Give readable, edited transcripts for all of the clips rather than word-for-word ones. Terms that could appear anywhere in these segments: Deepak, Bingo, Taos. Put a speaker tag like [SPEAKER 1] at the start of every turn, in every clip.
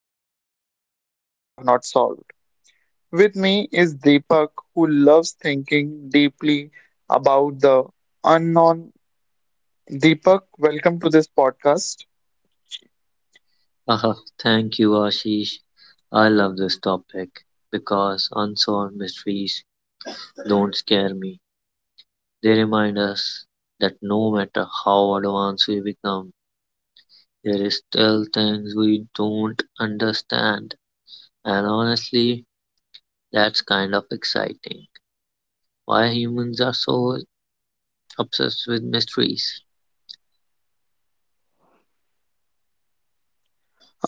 [SPEAKER 1] time still have not solved. With me is Deepak, who loves thinking deeply about the unknown. Deepak, welcome to this podcast.
[SPEAKER 2] Ah, Thank you, Ashish. I love this topic because unsolved mysteries don't scare me. They remind us that no matter how advanced we become, there is still things we don't understand. And honestly, that's kind of exciting. Why humans are so obsessed with mysteries.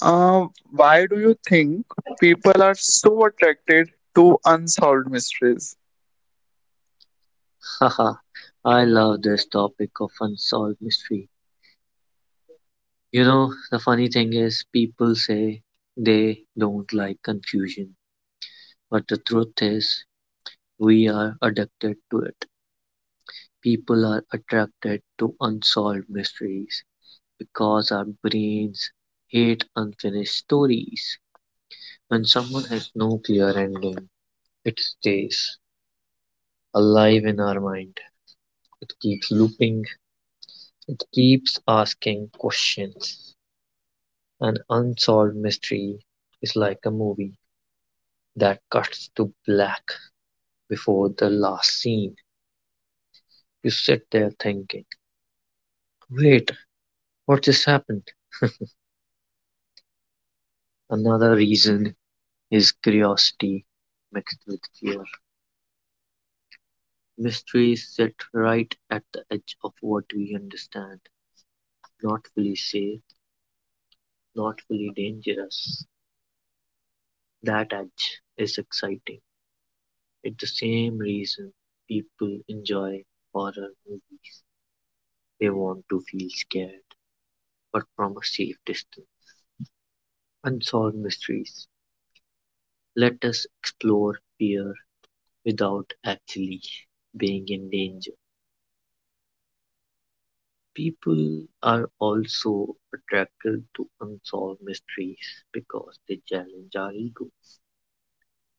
[SPEAKER 1] Why do you think people are so attracted to unsolved mysteries?
[SPEAKER 2] Haha, I love this topic of unsolved mystery. You know, the funny thing is, people say they don't like confusion, but the truth is, we are addicted to it. People are attracted to unsolved mysteries because our brains hate unfinished stories. When someone has no clear ending, it stays alive in our mind. It keeps looping, it keeps asking questions. An unsolved mystery is like a movie that cuts to black before the last scene. You sit there thinking, wait, what just happened? Another reason is curiosity mixed with fear. Mysteries sit right at the edge of what we understand, not fully safe, not fully dangerous. That edge is exciting. It's the same reason people enjoy horror movies. They want to feel scared, but from a safe distance. Unsolved mysteries let us explore fear without actually being in danger. People are also attracted to unsolved mysteries because they challenge our ego.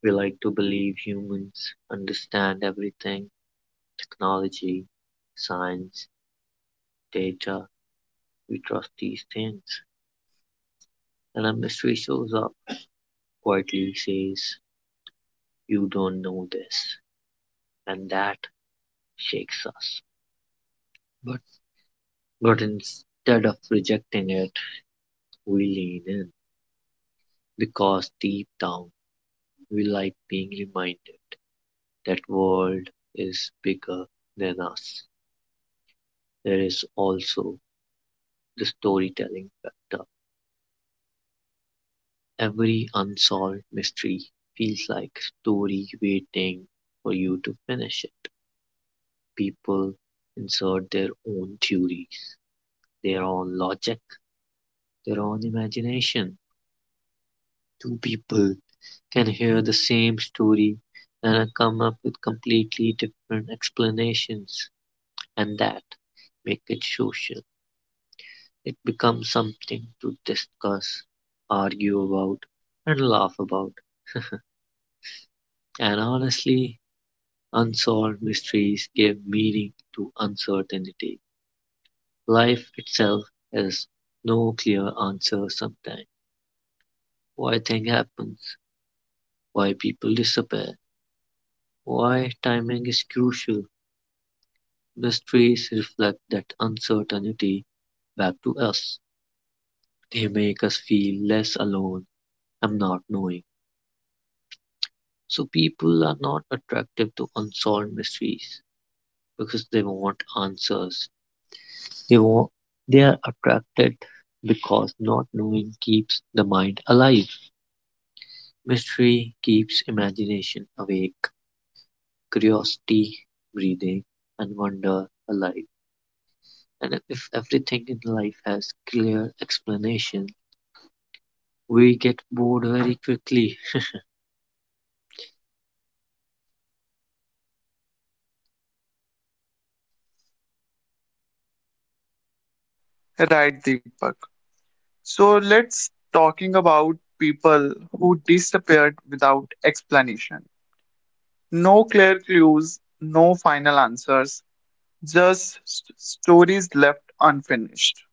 [SPEAKER 2] We like to believe humans understand everything: technology, science, data. We trust these things. And a mystery shows up, quietly says, "You don't know this." And that shakes us. But, but instead of rejecting it, we lean in because deep down we like being reminded that world is bigger than us. There is also the storytelling factor. Every unsolved mystery feels like a story waiting for you to finish it. People insert their own theories, their own logic, their own imagination. Two people can hear the same story and come up with completely different explanations. And that make it social. It becomes something to discuss, argue about, and laugh about. And honestly, unsolved mysteries give meaning to uncertainty. Life itself has no clear answer sometimes. Why things happens, why people disappear, why timing is crucial. Mysteries reflect that uncertainty back to us. They make us feel less alone and not knowing. So people are not attractive to unsolved mysteries because they want answers. They want they are attracted because not knowing keeps the mind alive. Mystery keeps imagination awake, curiosity breathing, and wonder alive. And if everything in life has clear explanation, we get bored very quickly.
[SPEAKER 1] Right, Deepak. So let's talking about people who disappeared without explanation. No clear clues, no final answers, just stories left unfinished.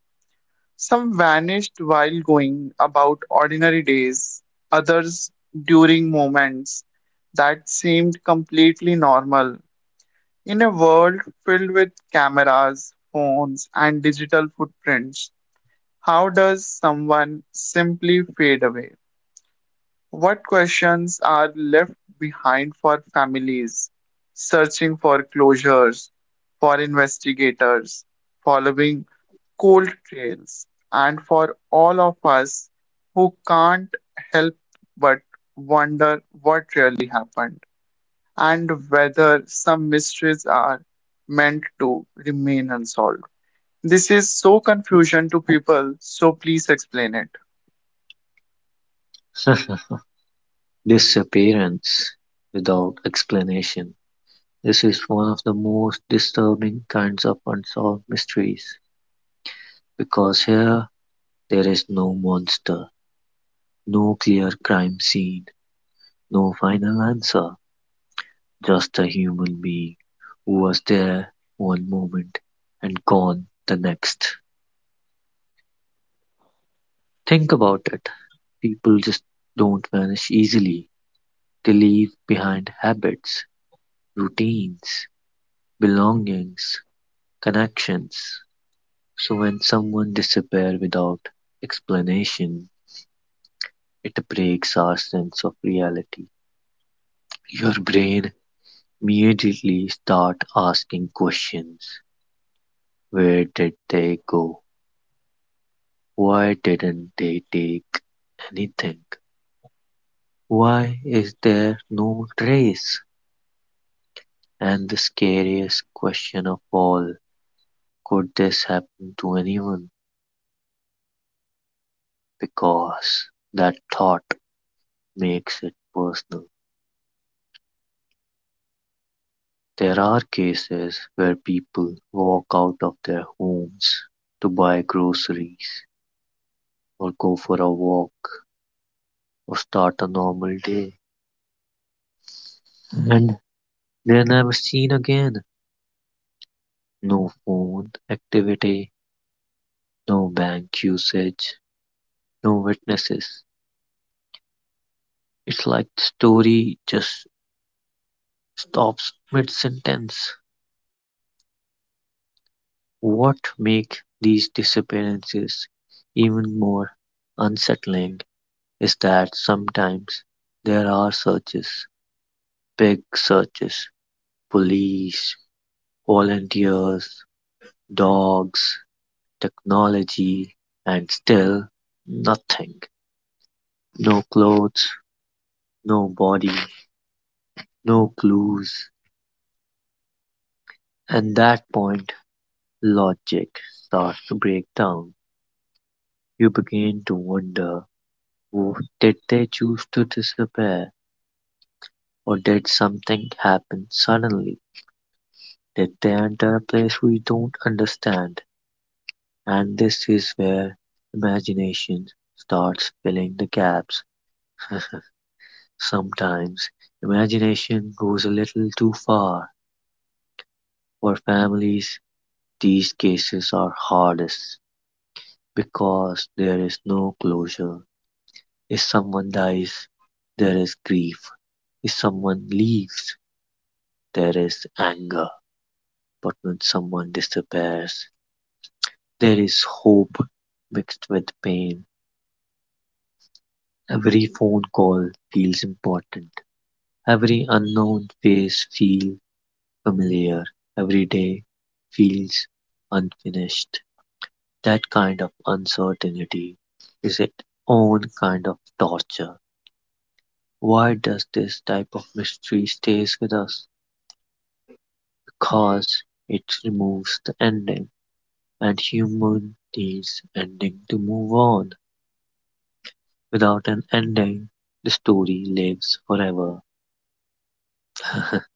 [SPEAKER 1] Some vanished while going about ordinary days, others during moments that seemed completely normal. In a world filled with cameras, phones, and digital footprints, how does someone simply fade away? What questions are left behind for families searching for closures, for investigators following cold trails, and for all of us who can't help but wonder what really happened? And whether some mysteries are meant to remain unsolved. This is so confusion to people, so please explain it.
[SPEAKER 2] Disappearance without explanation. This is one of the most disturbing kinds of unsolved mysteries, because here there is no monster, no clear crime scene, no final answer, just a human being who was there one moment and gone the next. Think about it. People just don't vanish easily. They leave behind habits, routines, belongings, connections. So when someone disappears without explanation, it breaks our sense of reality. Your brain immediately start asking questions. Where did they go? Why didn't they take anything? Why is there no trace? And the scariest question of all, could this happen to anyone? Because that thought makes it personal. There are cases where people walk out of their homes to buy groceries or go for a walk or start a normal day. And they're never seen again. No phone activity, no bank usage, no witnesses. It's like the story just stops mid sentence. What makes these disappearances even more unsettling is that sometimes there are searches, big searches, police, volunteers, dogs, technology, and still nothing. No clothes, no body, no clues. At that point, logic starts to break down. You begin to wonder, " did they choose to disappear, or did something happen suddenly? Did they enter a place we don't understand? And this is where imagination starts filling the gaps. Sometimes imagination goes a little too far. For families, these cases are hardest because there is no closure. If someone dies, there is grief. If someone leaves, there is anger. But when someone disappears, there is hope mixed with pain. Every phone call feels important. Every unknown face feels familiar. Every day feels unfinished. That kind of uncertainty is its own kind of torture. Why does this type of mystery stays with us? Because it removes the ending, and human needs ending to move on. Without an ending, the story lives forever.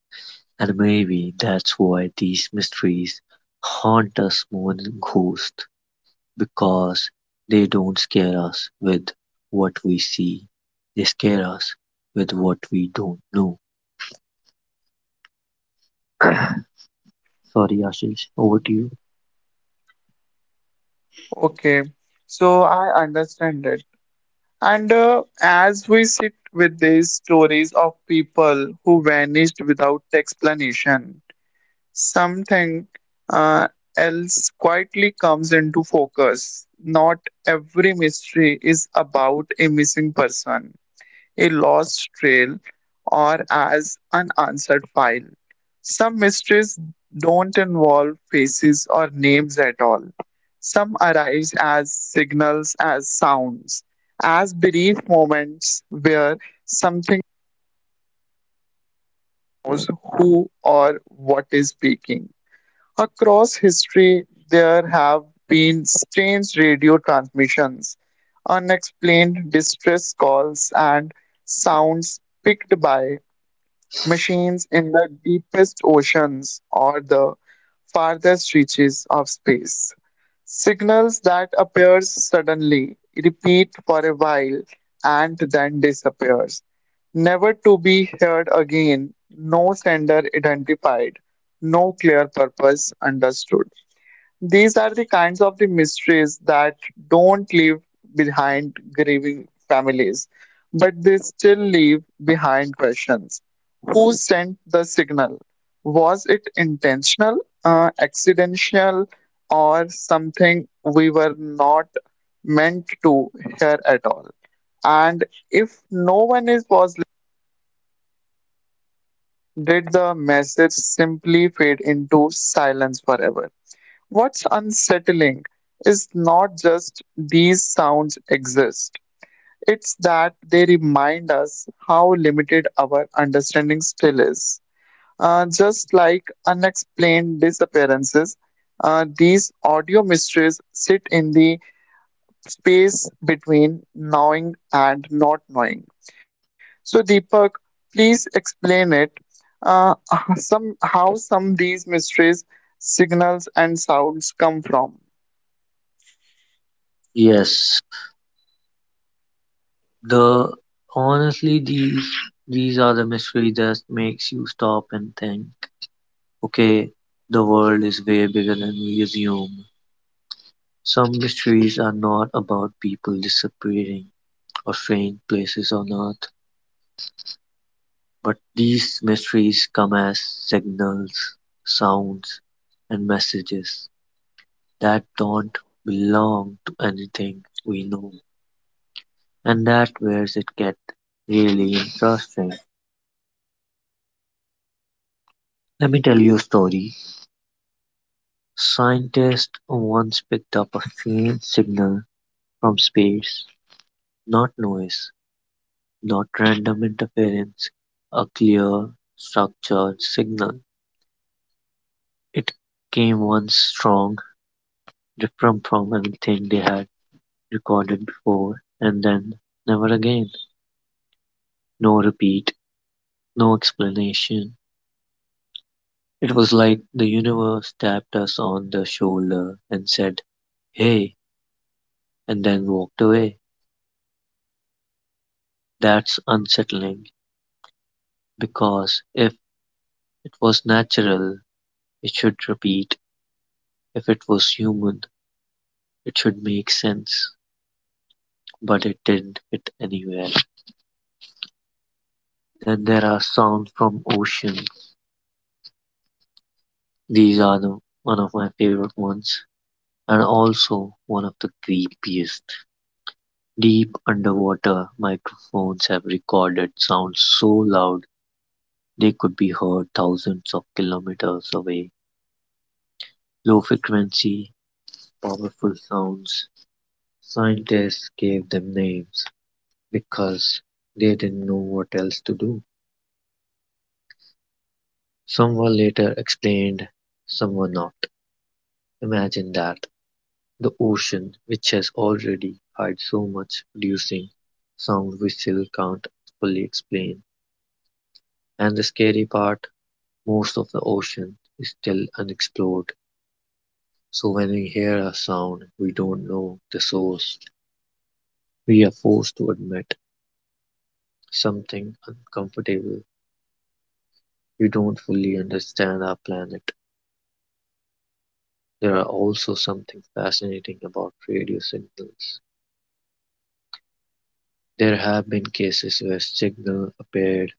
[SPEAKER 2] And maybe that's why these mysteries haunt us more than ghosts. Because they don't scare us with what we see, they scare us with what we don't know. Sorry, Ashish, over to you.
[SPEAKER 1] Okay, so I understand it. And as we sit with these stories of people who vanished without explanation, something uh, else quietly comes into focus. Not every mystery is about a missing person, a lost trail, or as an answered file. Some mysteries don't involve faces or names at all. Some arise as signals, as sounds, as brief moments where something knows who or what is speaking. Across history, there have been strange radio transmissions, unexplained distress calls, and sounds picked by machines in the deepest oceans or the farthest reaches of space. Signals that appears suddenly, repeat for a while, and then disappears. Never to be heard again, no sender identified, no clear purpose understood. These are the kinds of the mysteries that don't leave behind grieving families, but they still leave behind questions. Who sent the signal? Was it intentional, accidental, or something we were not meant to hear at all? And if no one is was, did the message simply fade into silence forever? What's unsettling is not just these sounds exist, it's that they remind us how limited our understanding still is. Just like unexplained disappearances, these audio mysteries sit in the space between knowing and not knowing. So, Deepak, please explain it. Uh, some how some these mysteries, signals, and sounds come from.
[SPEAKER 2] Yes, the honestly these are the mystery that makes you stop and think. Okay, the world is way bigger than we assume. Some mysteries are not about people disappearing or strange places on earth. But these mysteries come as signals, sounds, and messages that don't belong to anything we know. And that where it gets really interesting. Let me tell you a story. Scientists once picked up a faint signal from space, not noise, not random interference, a clear, structured signal. It came once strong, different from anything they had recorded before and then, never again. No repeat, no explanation. It was like the universe tapped us on the shoulder and said, "Hey," and then walked away. That's unsettling because if it was natural, it should repeat. If it was human, it should make sense. But it didn't fit anywhere. Then there are sounds from ocean. These are the, one of my favorite ones, and also one of the creepiest. Deep underwater microphones have recorded sounds so loud they could be heard thousands of kilometers away. Low frequency, powerful sounds. Scientists gave them names because they didn't know what else to do. Some were later explained, some were not. Imagine that. The ocean, which has already hide so much, producing sound we still can't fully explain. And the scary part, most of the ocean is still unexplored, so when we hear a sound we don't know the source, we are forced to admit something uncomfortable. We don't fully understand our planet. There are also something fascinating about radio signals. There have been cases where signal appeared,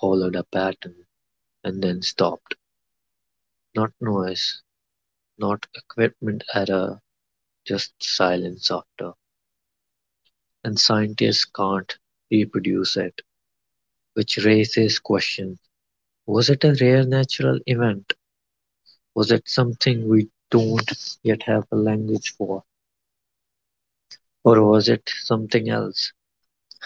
[SPEAKER 2] followed a pattern, and then stopped. Not noise, not equipment error, just silence after. And scientists can't reproduce it, which raises questions: was it a rare natural event? Was it something we don't yet have a language for? Or was it something else?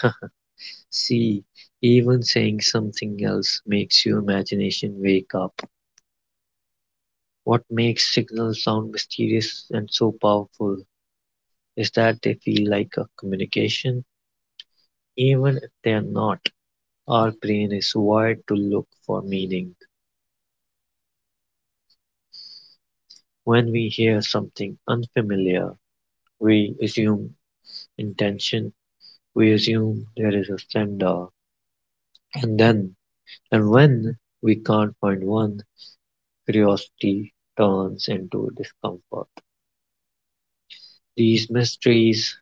[SPEAKER 2] See, even saying something else makes your imagination wake up. What makes signals sound mysterious and so powerful is that they feel like a communication, even if they are not. Our brain is wired to look for meaning. When we hear something unfamiliar, we assume intention, we assume there is a sender. and then and when we can't find one, curiosity turns into discomfort. These mysteries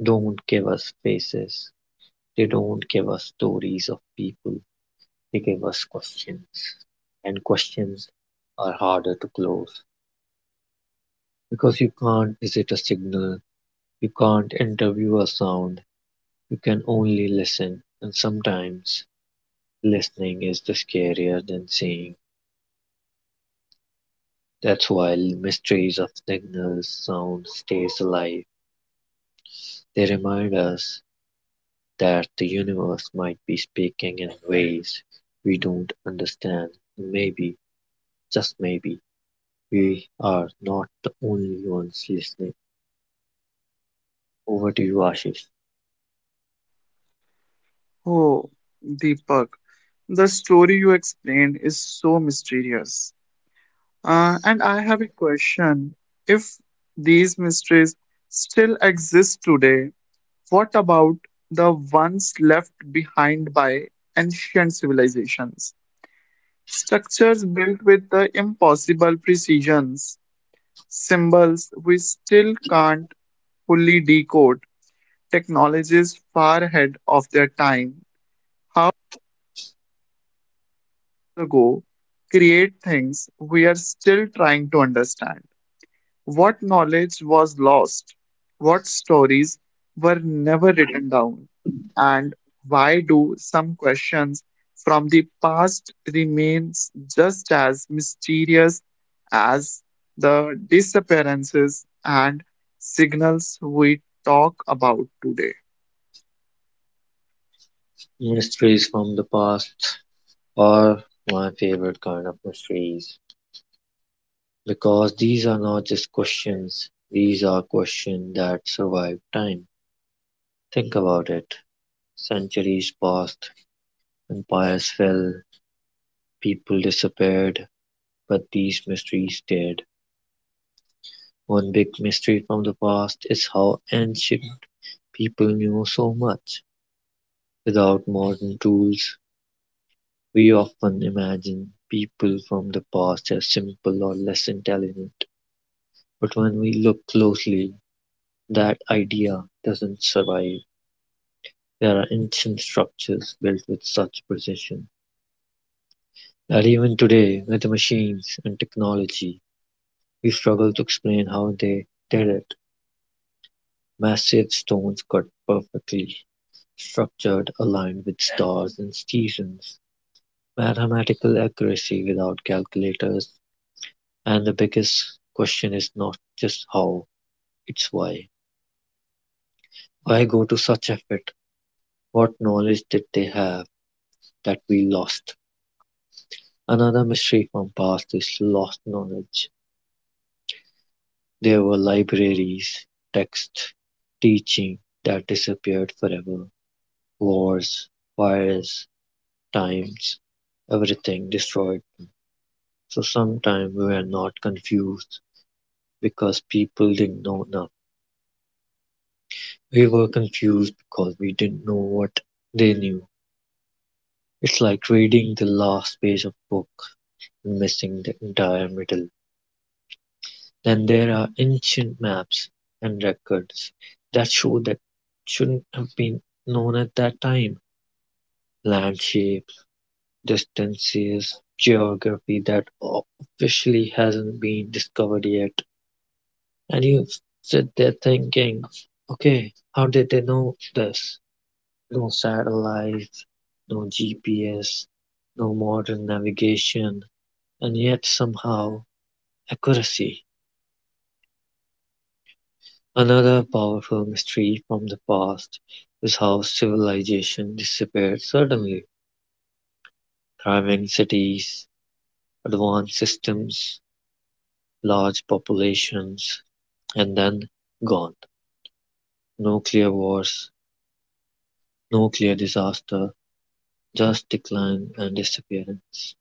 [SPEAKER 2] don't give us faces, they don't give us stories of people, they give us questions. And questions are harder to close because you can't visit a signal, you can't interview a sound. You can only listen, and sometimes listening is the scarier than saying. That's why Mysteries of Signals sound stays alive. They remind us that the universe might be speaking in ways we don't understand. Maybe, just maybe, we are not the only ones listening. Over to you, Ashish.
[SPEAKER 1] Oh, Deepak, the story you explained is so mysterious. And I have a question. If these mysteries still exist today, what about the ones left behind by ancient civilizations? Structures built with the impossible precisions, symbols we still can't fully decode, technologies far ahead of their time. How? Ago create things we are still trying to understand. What knowledge was lost? What stories were never written down? And why do some questions from the past remains just as mysterious as the disappearances and signals we talk about today?
[SPEAKER 2] Mysteries from the past are my favorite kind of mysteries. Because these are not just questions, these are questions that survive time. Think about it. Centuries passed, empires fell, people disappeared, but these mysteries stayed. One big mystery from the past is how ancient people knew so much. Without modern tools, we often imagine people from the past as simple or less intelligent. But when we look closely, that idea doesn't survive. There are ancient structures built with such precision that even today, with machines and technology, we struggle to explain how they did it. Massive stones cut perfectly, structured, aligned with stars and seasons. Mathematical accuracy without calculators. And the biggest question is not just how, it's why. Why go to such effort? What knowledge did they have that we lost? Another mystery from past is lost knowledge. There were libraries, texts, teaching that disappeared forever, wars, fires, times, everything destroyed. So sometimes we were not confused because people didn't know enough. We were confused because we didn't know what they knew. It's like reading the last page of a book and missing the entire middle. Then there are ancient maps and records that show that shouldn't have been known at that time. Land shape, distances, geography that officially hasn't been discovered yet. And you sit there thinking, okay, how did they know this? No satellites, no GPS, no modern navigation, and yet somehow accuracy. Another powerful mystery from the past is how civilization disappeared suddenly. Thriving cities, advanced systems, large populations, and then gone: no clear wars, no clear disaster, just decline and disappearance.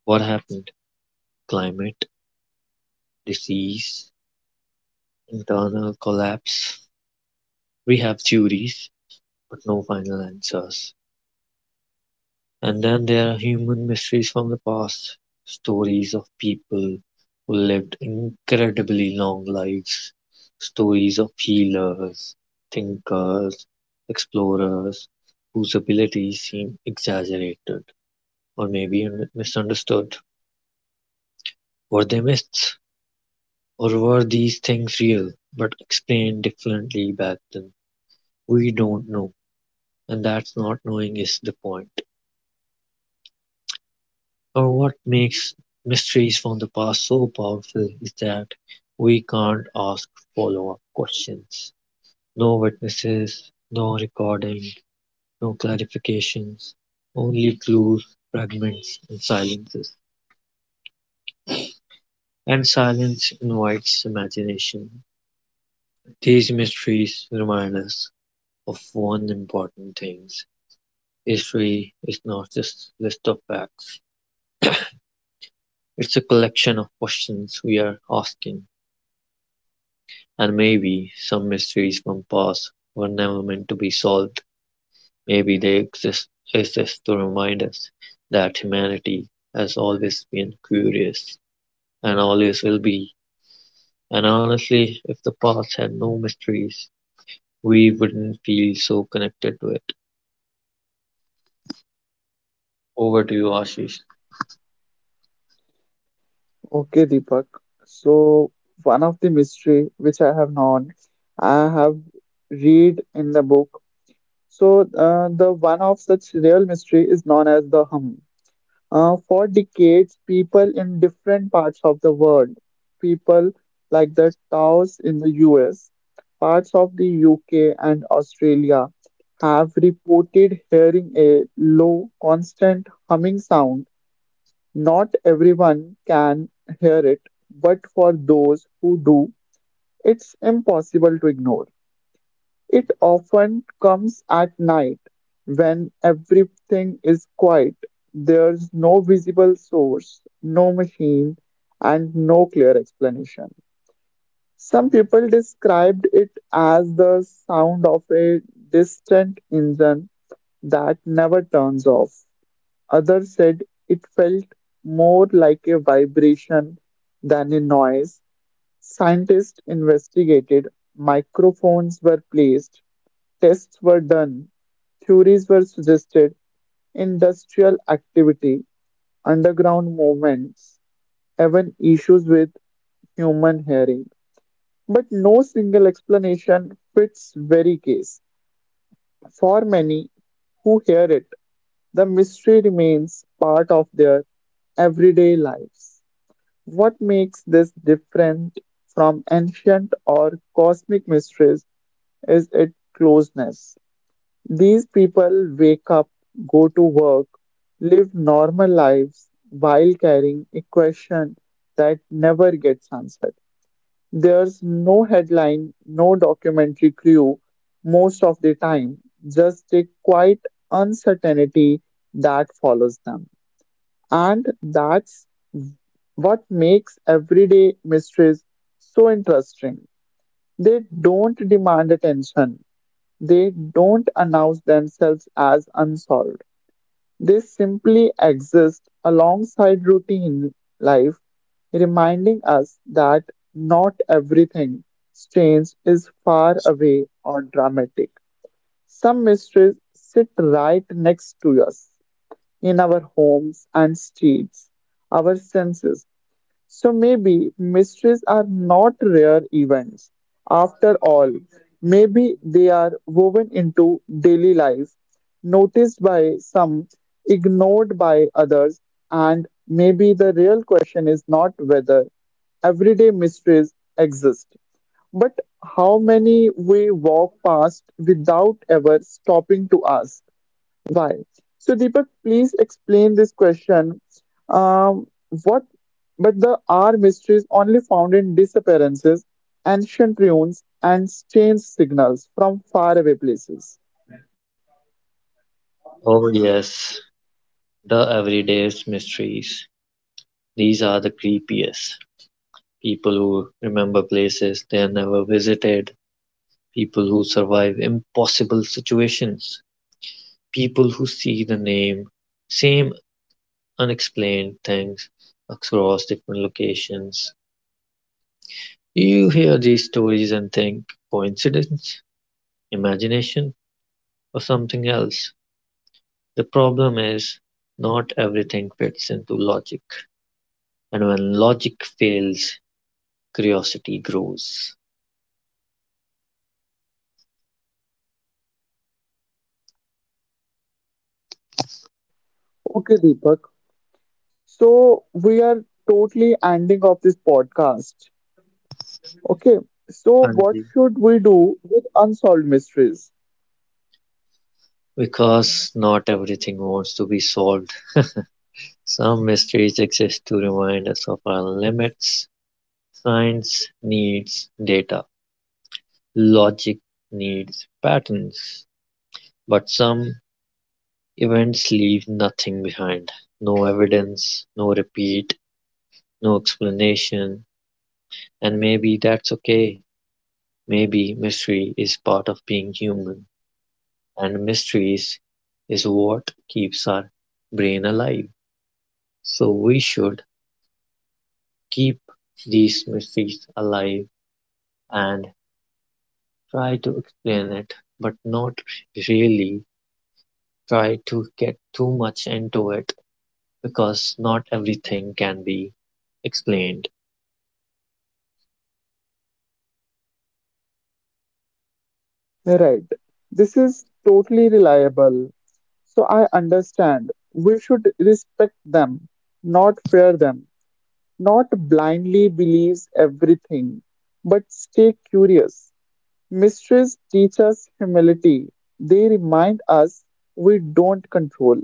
[SPEAKER 2] What happened? Climate, disease, internal collapse. We have theories, but no final answers. And then there are human mysteries from the past, stories of people who lived incredibly long lives, stories of healers, thinkers, explorers whose abilities seem exaggerated or maybe misunderstood. Were they myths? Or were these things real but explained differently back then? We don't know, and that's not knowing is the point. Or what makes mysteries from the past so powerful is that we can't ask follow up questions. No witnesses, no recording, no clarifications, only clues, fragments, and silences. And silence invites imagination. These mysteries remind us of one important thing: history is not just a list of facts, it's a collection of questions we are asking. And maybe some mysteries from past were never meant to be solved. Maybe they exist, exist to remind us that humanity has always been curious and always will be. And honestly, if the past had no mysteries, we wouldn't feel so connected to it. Over to you, Ashish.
[SPEAKER 1] Okay, Deepak. So one of the mystery which I have known, I have read in the book. So the one of such real mystery is known as the hum. For decades, people in different parts of the world, people like the Taos in the US, parts of the UK and Australia, have reported hearing a low, constant humming sound. Not everyone can hear it, but for those who do, it's impossible to ignore. It often comes at night when everything is quiet. There's no visible source, no machine, and no clear explanation. Some people described it as the sound of a distant engine that never turns off. Others said it felt more like a vibration than a noise. Scientists investigated, microphones were placed, tests were done, theories were suggested, industrial activity, underground movements, even issues with human hearing. But no single explanation fits very case. For many who hear it, the mystery remains part of their everyday lives. What makes this different from ancient or cosmic mysteries is its closeness. These people wake up, go to work, live normal lives while carrying a question that never gets answered. There's no headline, no documentary crew most of the time, just a quiet uncertainty that follows them. And that's what makes everyday mysteries so interesting. They don't demand attention, they don't announce themselves as unsolved. They simply exist alongside routine life, reminding us that not everything strange is far away or dramatic. Some mysteries sit right next to us in our homes and streets, our senses, so maybe mysteries are not rare events. After all, maybe they are woven into daily life, noticed by some, ignored by others, and maybe the real question is not whether everyday mysteries exist, but how many we walk past without ever stopping to ask. Right. So Deepak, please explain this question. Um, what, but the R mysteries only found in disappearances, ancient ruins, and strange signals from faraway places.
[SPEAKER 2] Oh, yes, the everyday's mysteries. These are the creepiest. People who remember places they never visited, people who survive impossible situations, people who see same unexplained things across different locations. You hear these stories and think coincidence, imagination, or something else. The problem is not everything fits into logic, and when logic fails, curiosity grows.
[SPEAKER 1] Okay, Deepak. So we are totally ending of this podcast. Okay. So
[SPEAKER 2] And
[SPEAKER 1] what should we do with unsolved mysteries?
[SPEAKER 2] because not everything wants to be solved. Some mysteries exist to remind us of our limits. Science needs data, logic needs patterns, but some events leave nothing behind: no evidence, no repeat, no explanation, and maybe that's okay. Maybe mystery is part of being human, and mysteries is what keeps our brain alive. So we should keep these mysteries alive and try to explain it, but not really try to get too much into it because not everything can be explained.
[SPEAKER 1] Right. This is totally reliable. So I understand. We should respect them, not fear them. Not blindly believes everything, but stay curious. Mysteries teach us humility. They remind us we don't control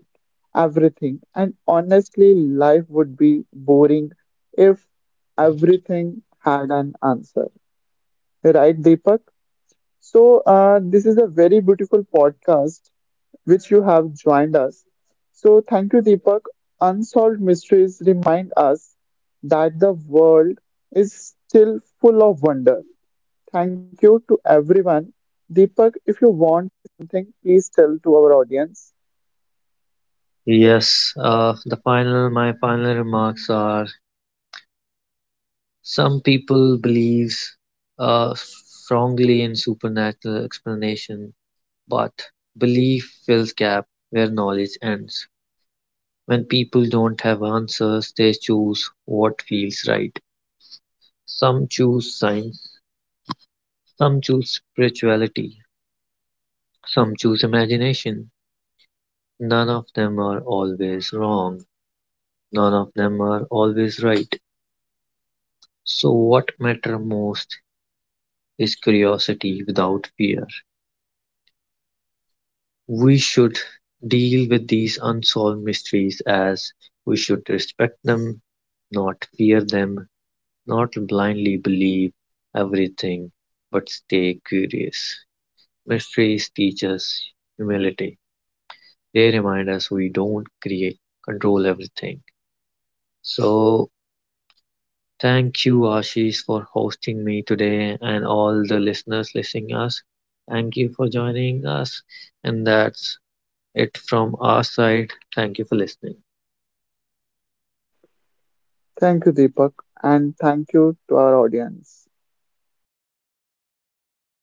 [SPEAKER 1] everything. And honestly, life would be boring if everything had an answer. Right, Deepak? So this is a very beautiful podcast which you have joined us. So thank you, Deepak. Unsolved mysteries remind us that the world is still full of wonder. Thank you to everyone. Deepak, if you want something, please tell to our audience.
[SPEAKER 2] Yes, the final remarks are some people believes strongly in supernatural explanation, but belief fills gap where knowledge ends. When people don't have answers, they choose what feels right. Some choose science, some choose spirituality, some choose imagination. None of them are always wrong, none of them are always right. So, what matter most is curiosity without fear. We should deal with these unsolved mysteries as we should respect them, not fear them, not blindly believe everything, but stay curious. Mysteries teach us humility. They remind us we don't create, control everything. So thank you, Ashish, for hosting me today and all the listeners listening us. Thank you for joining us. And that's it from our side. Thank you for listening.
[SPEAKER 1] Thank you, Deepak, and thank you to our audience.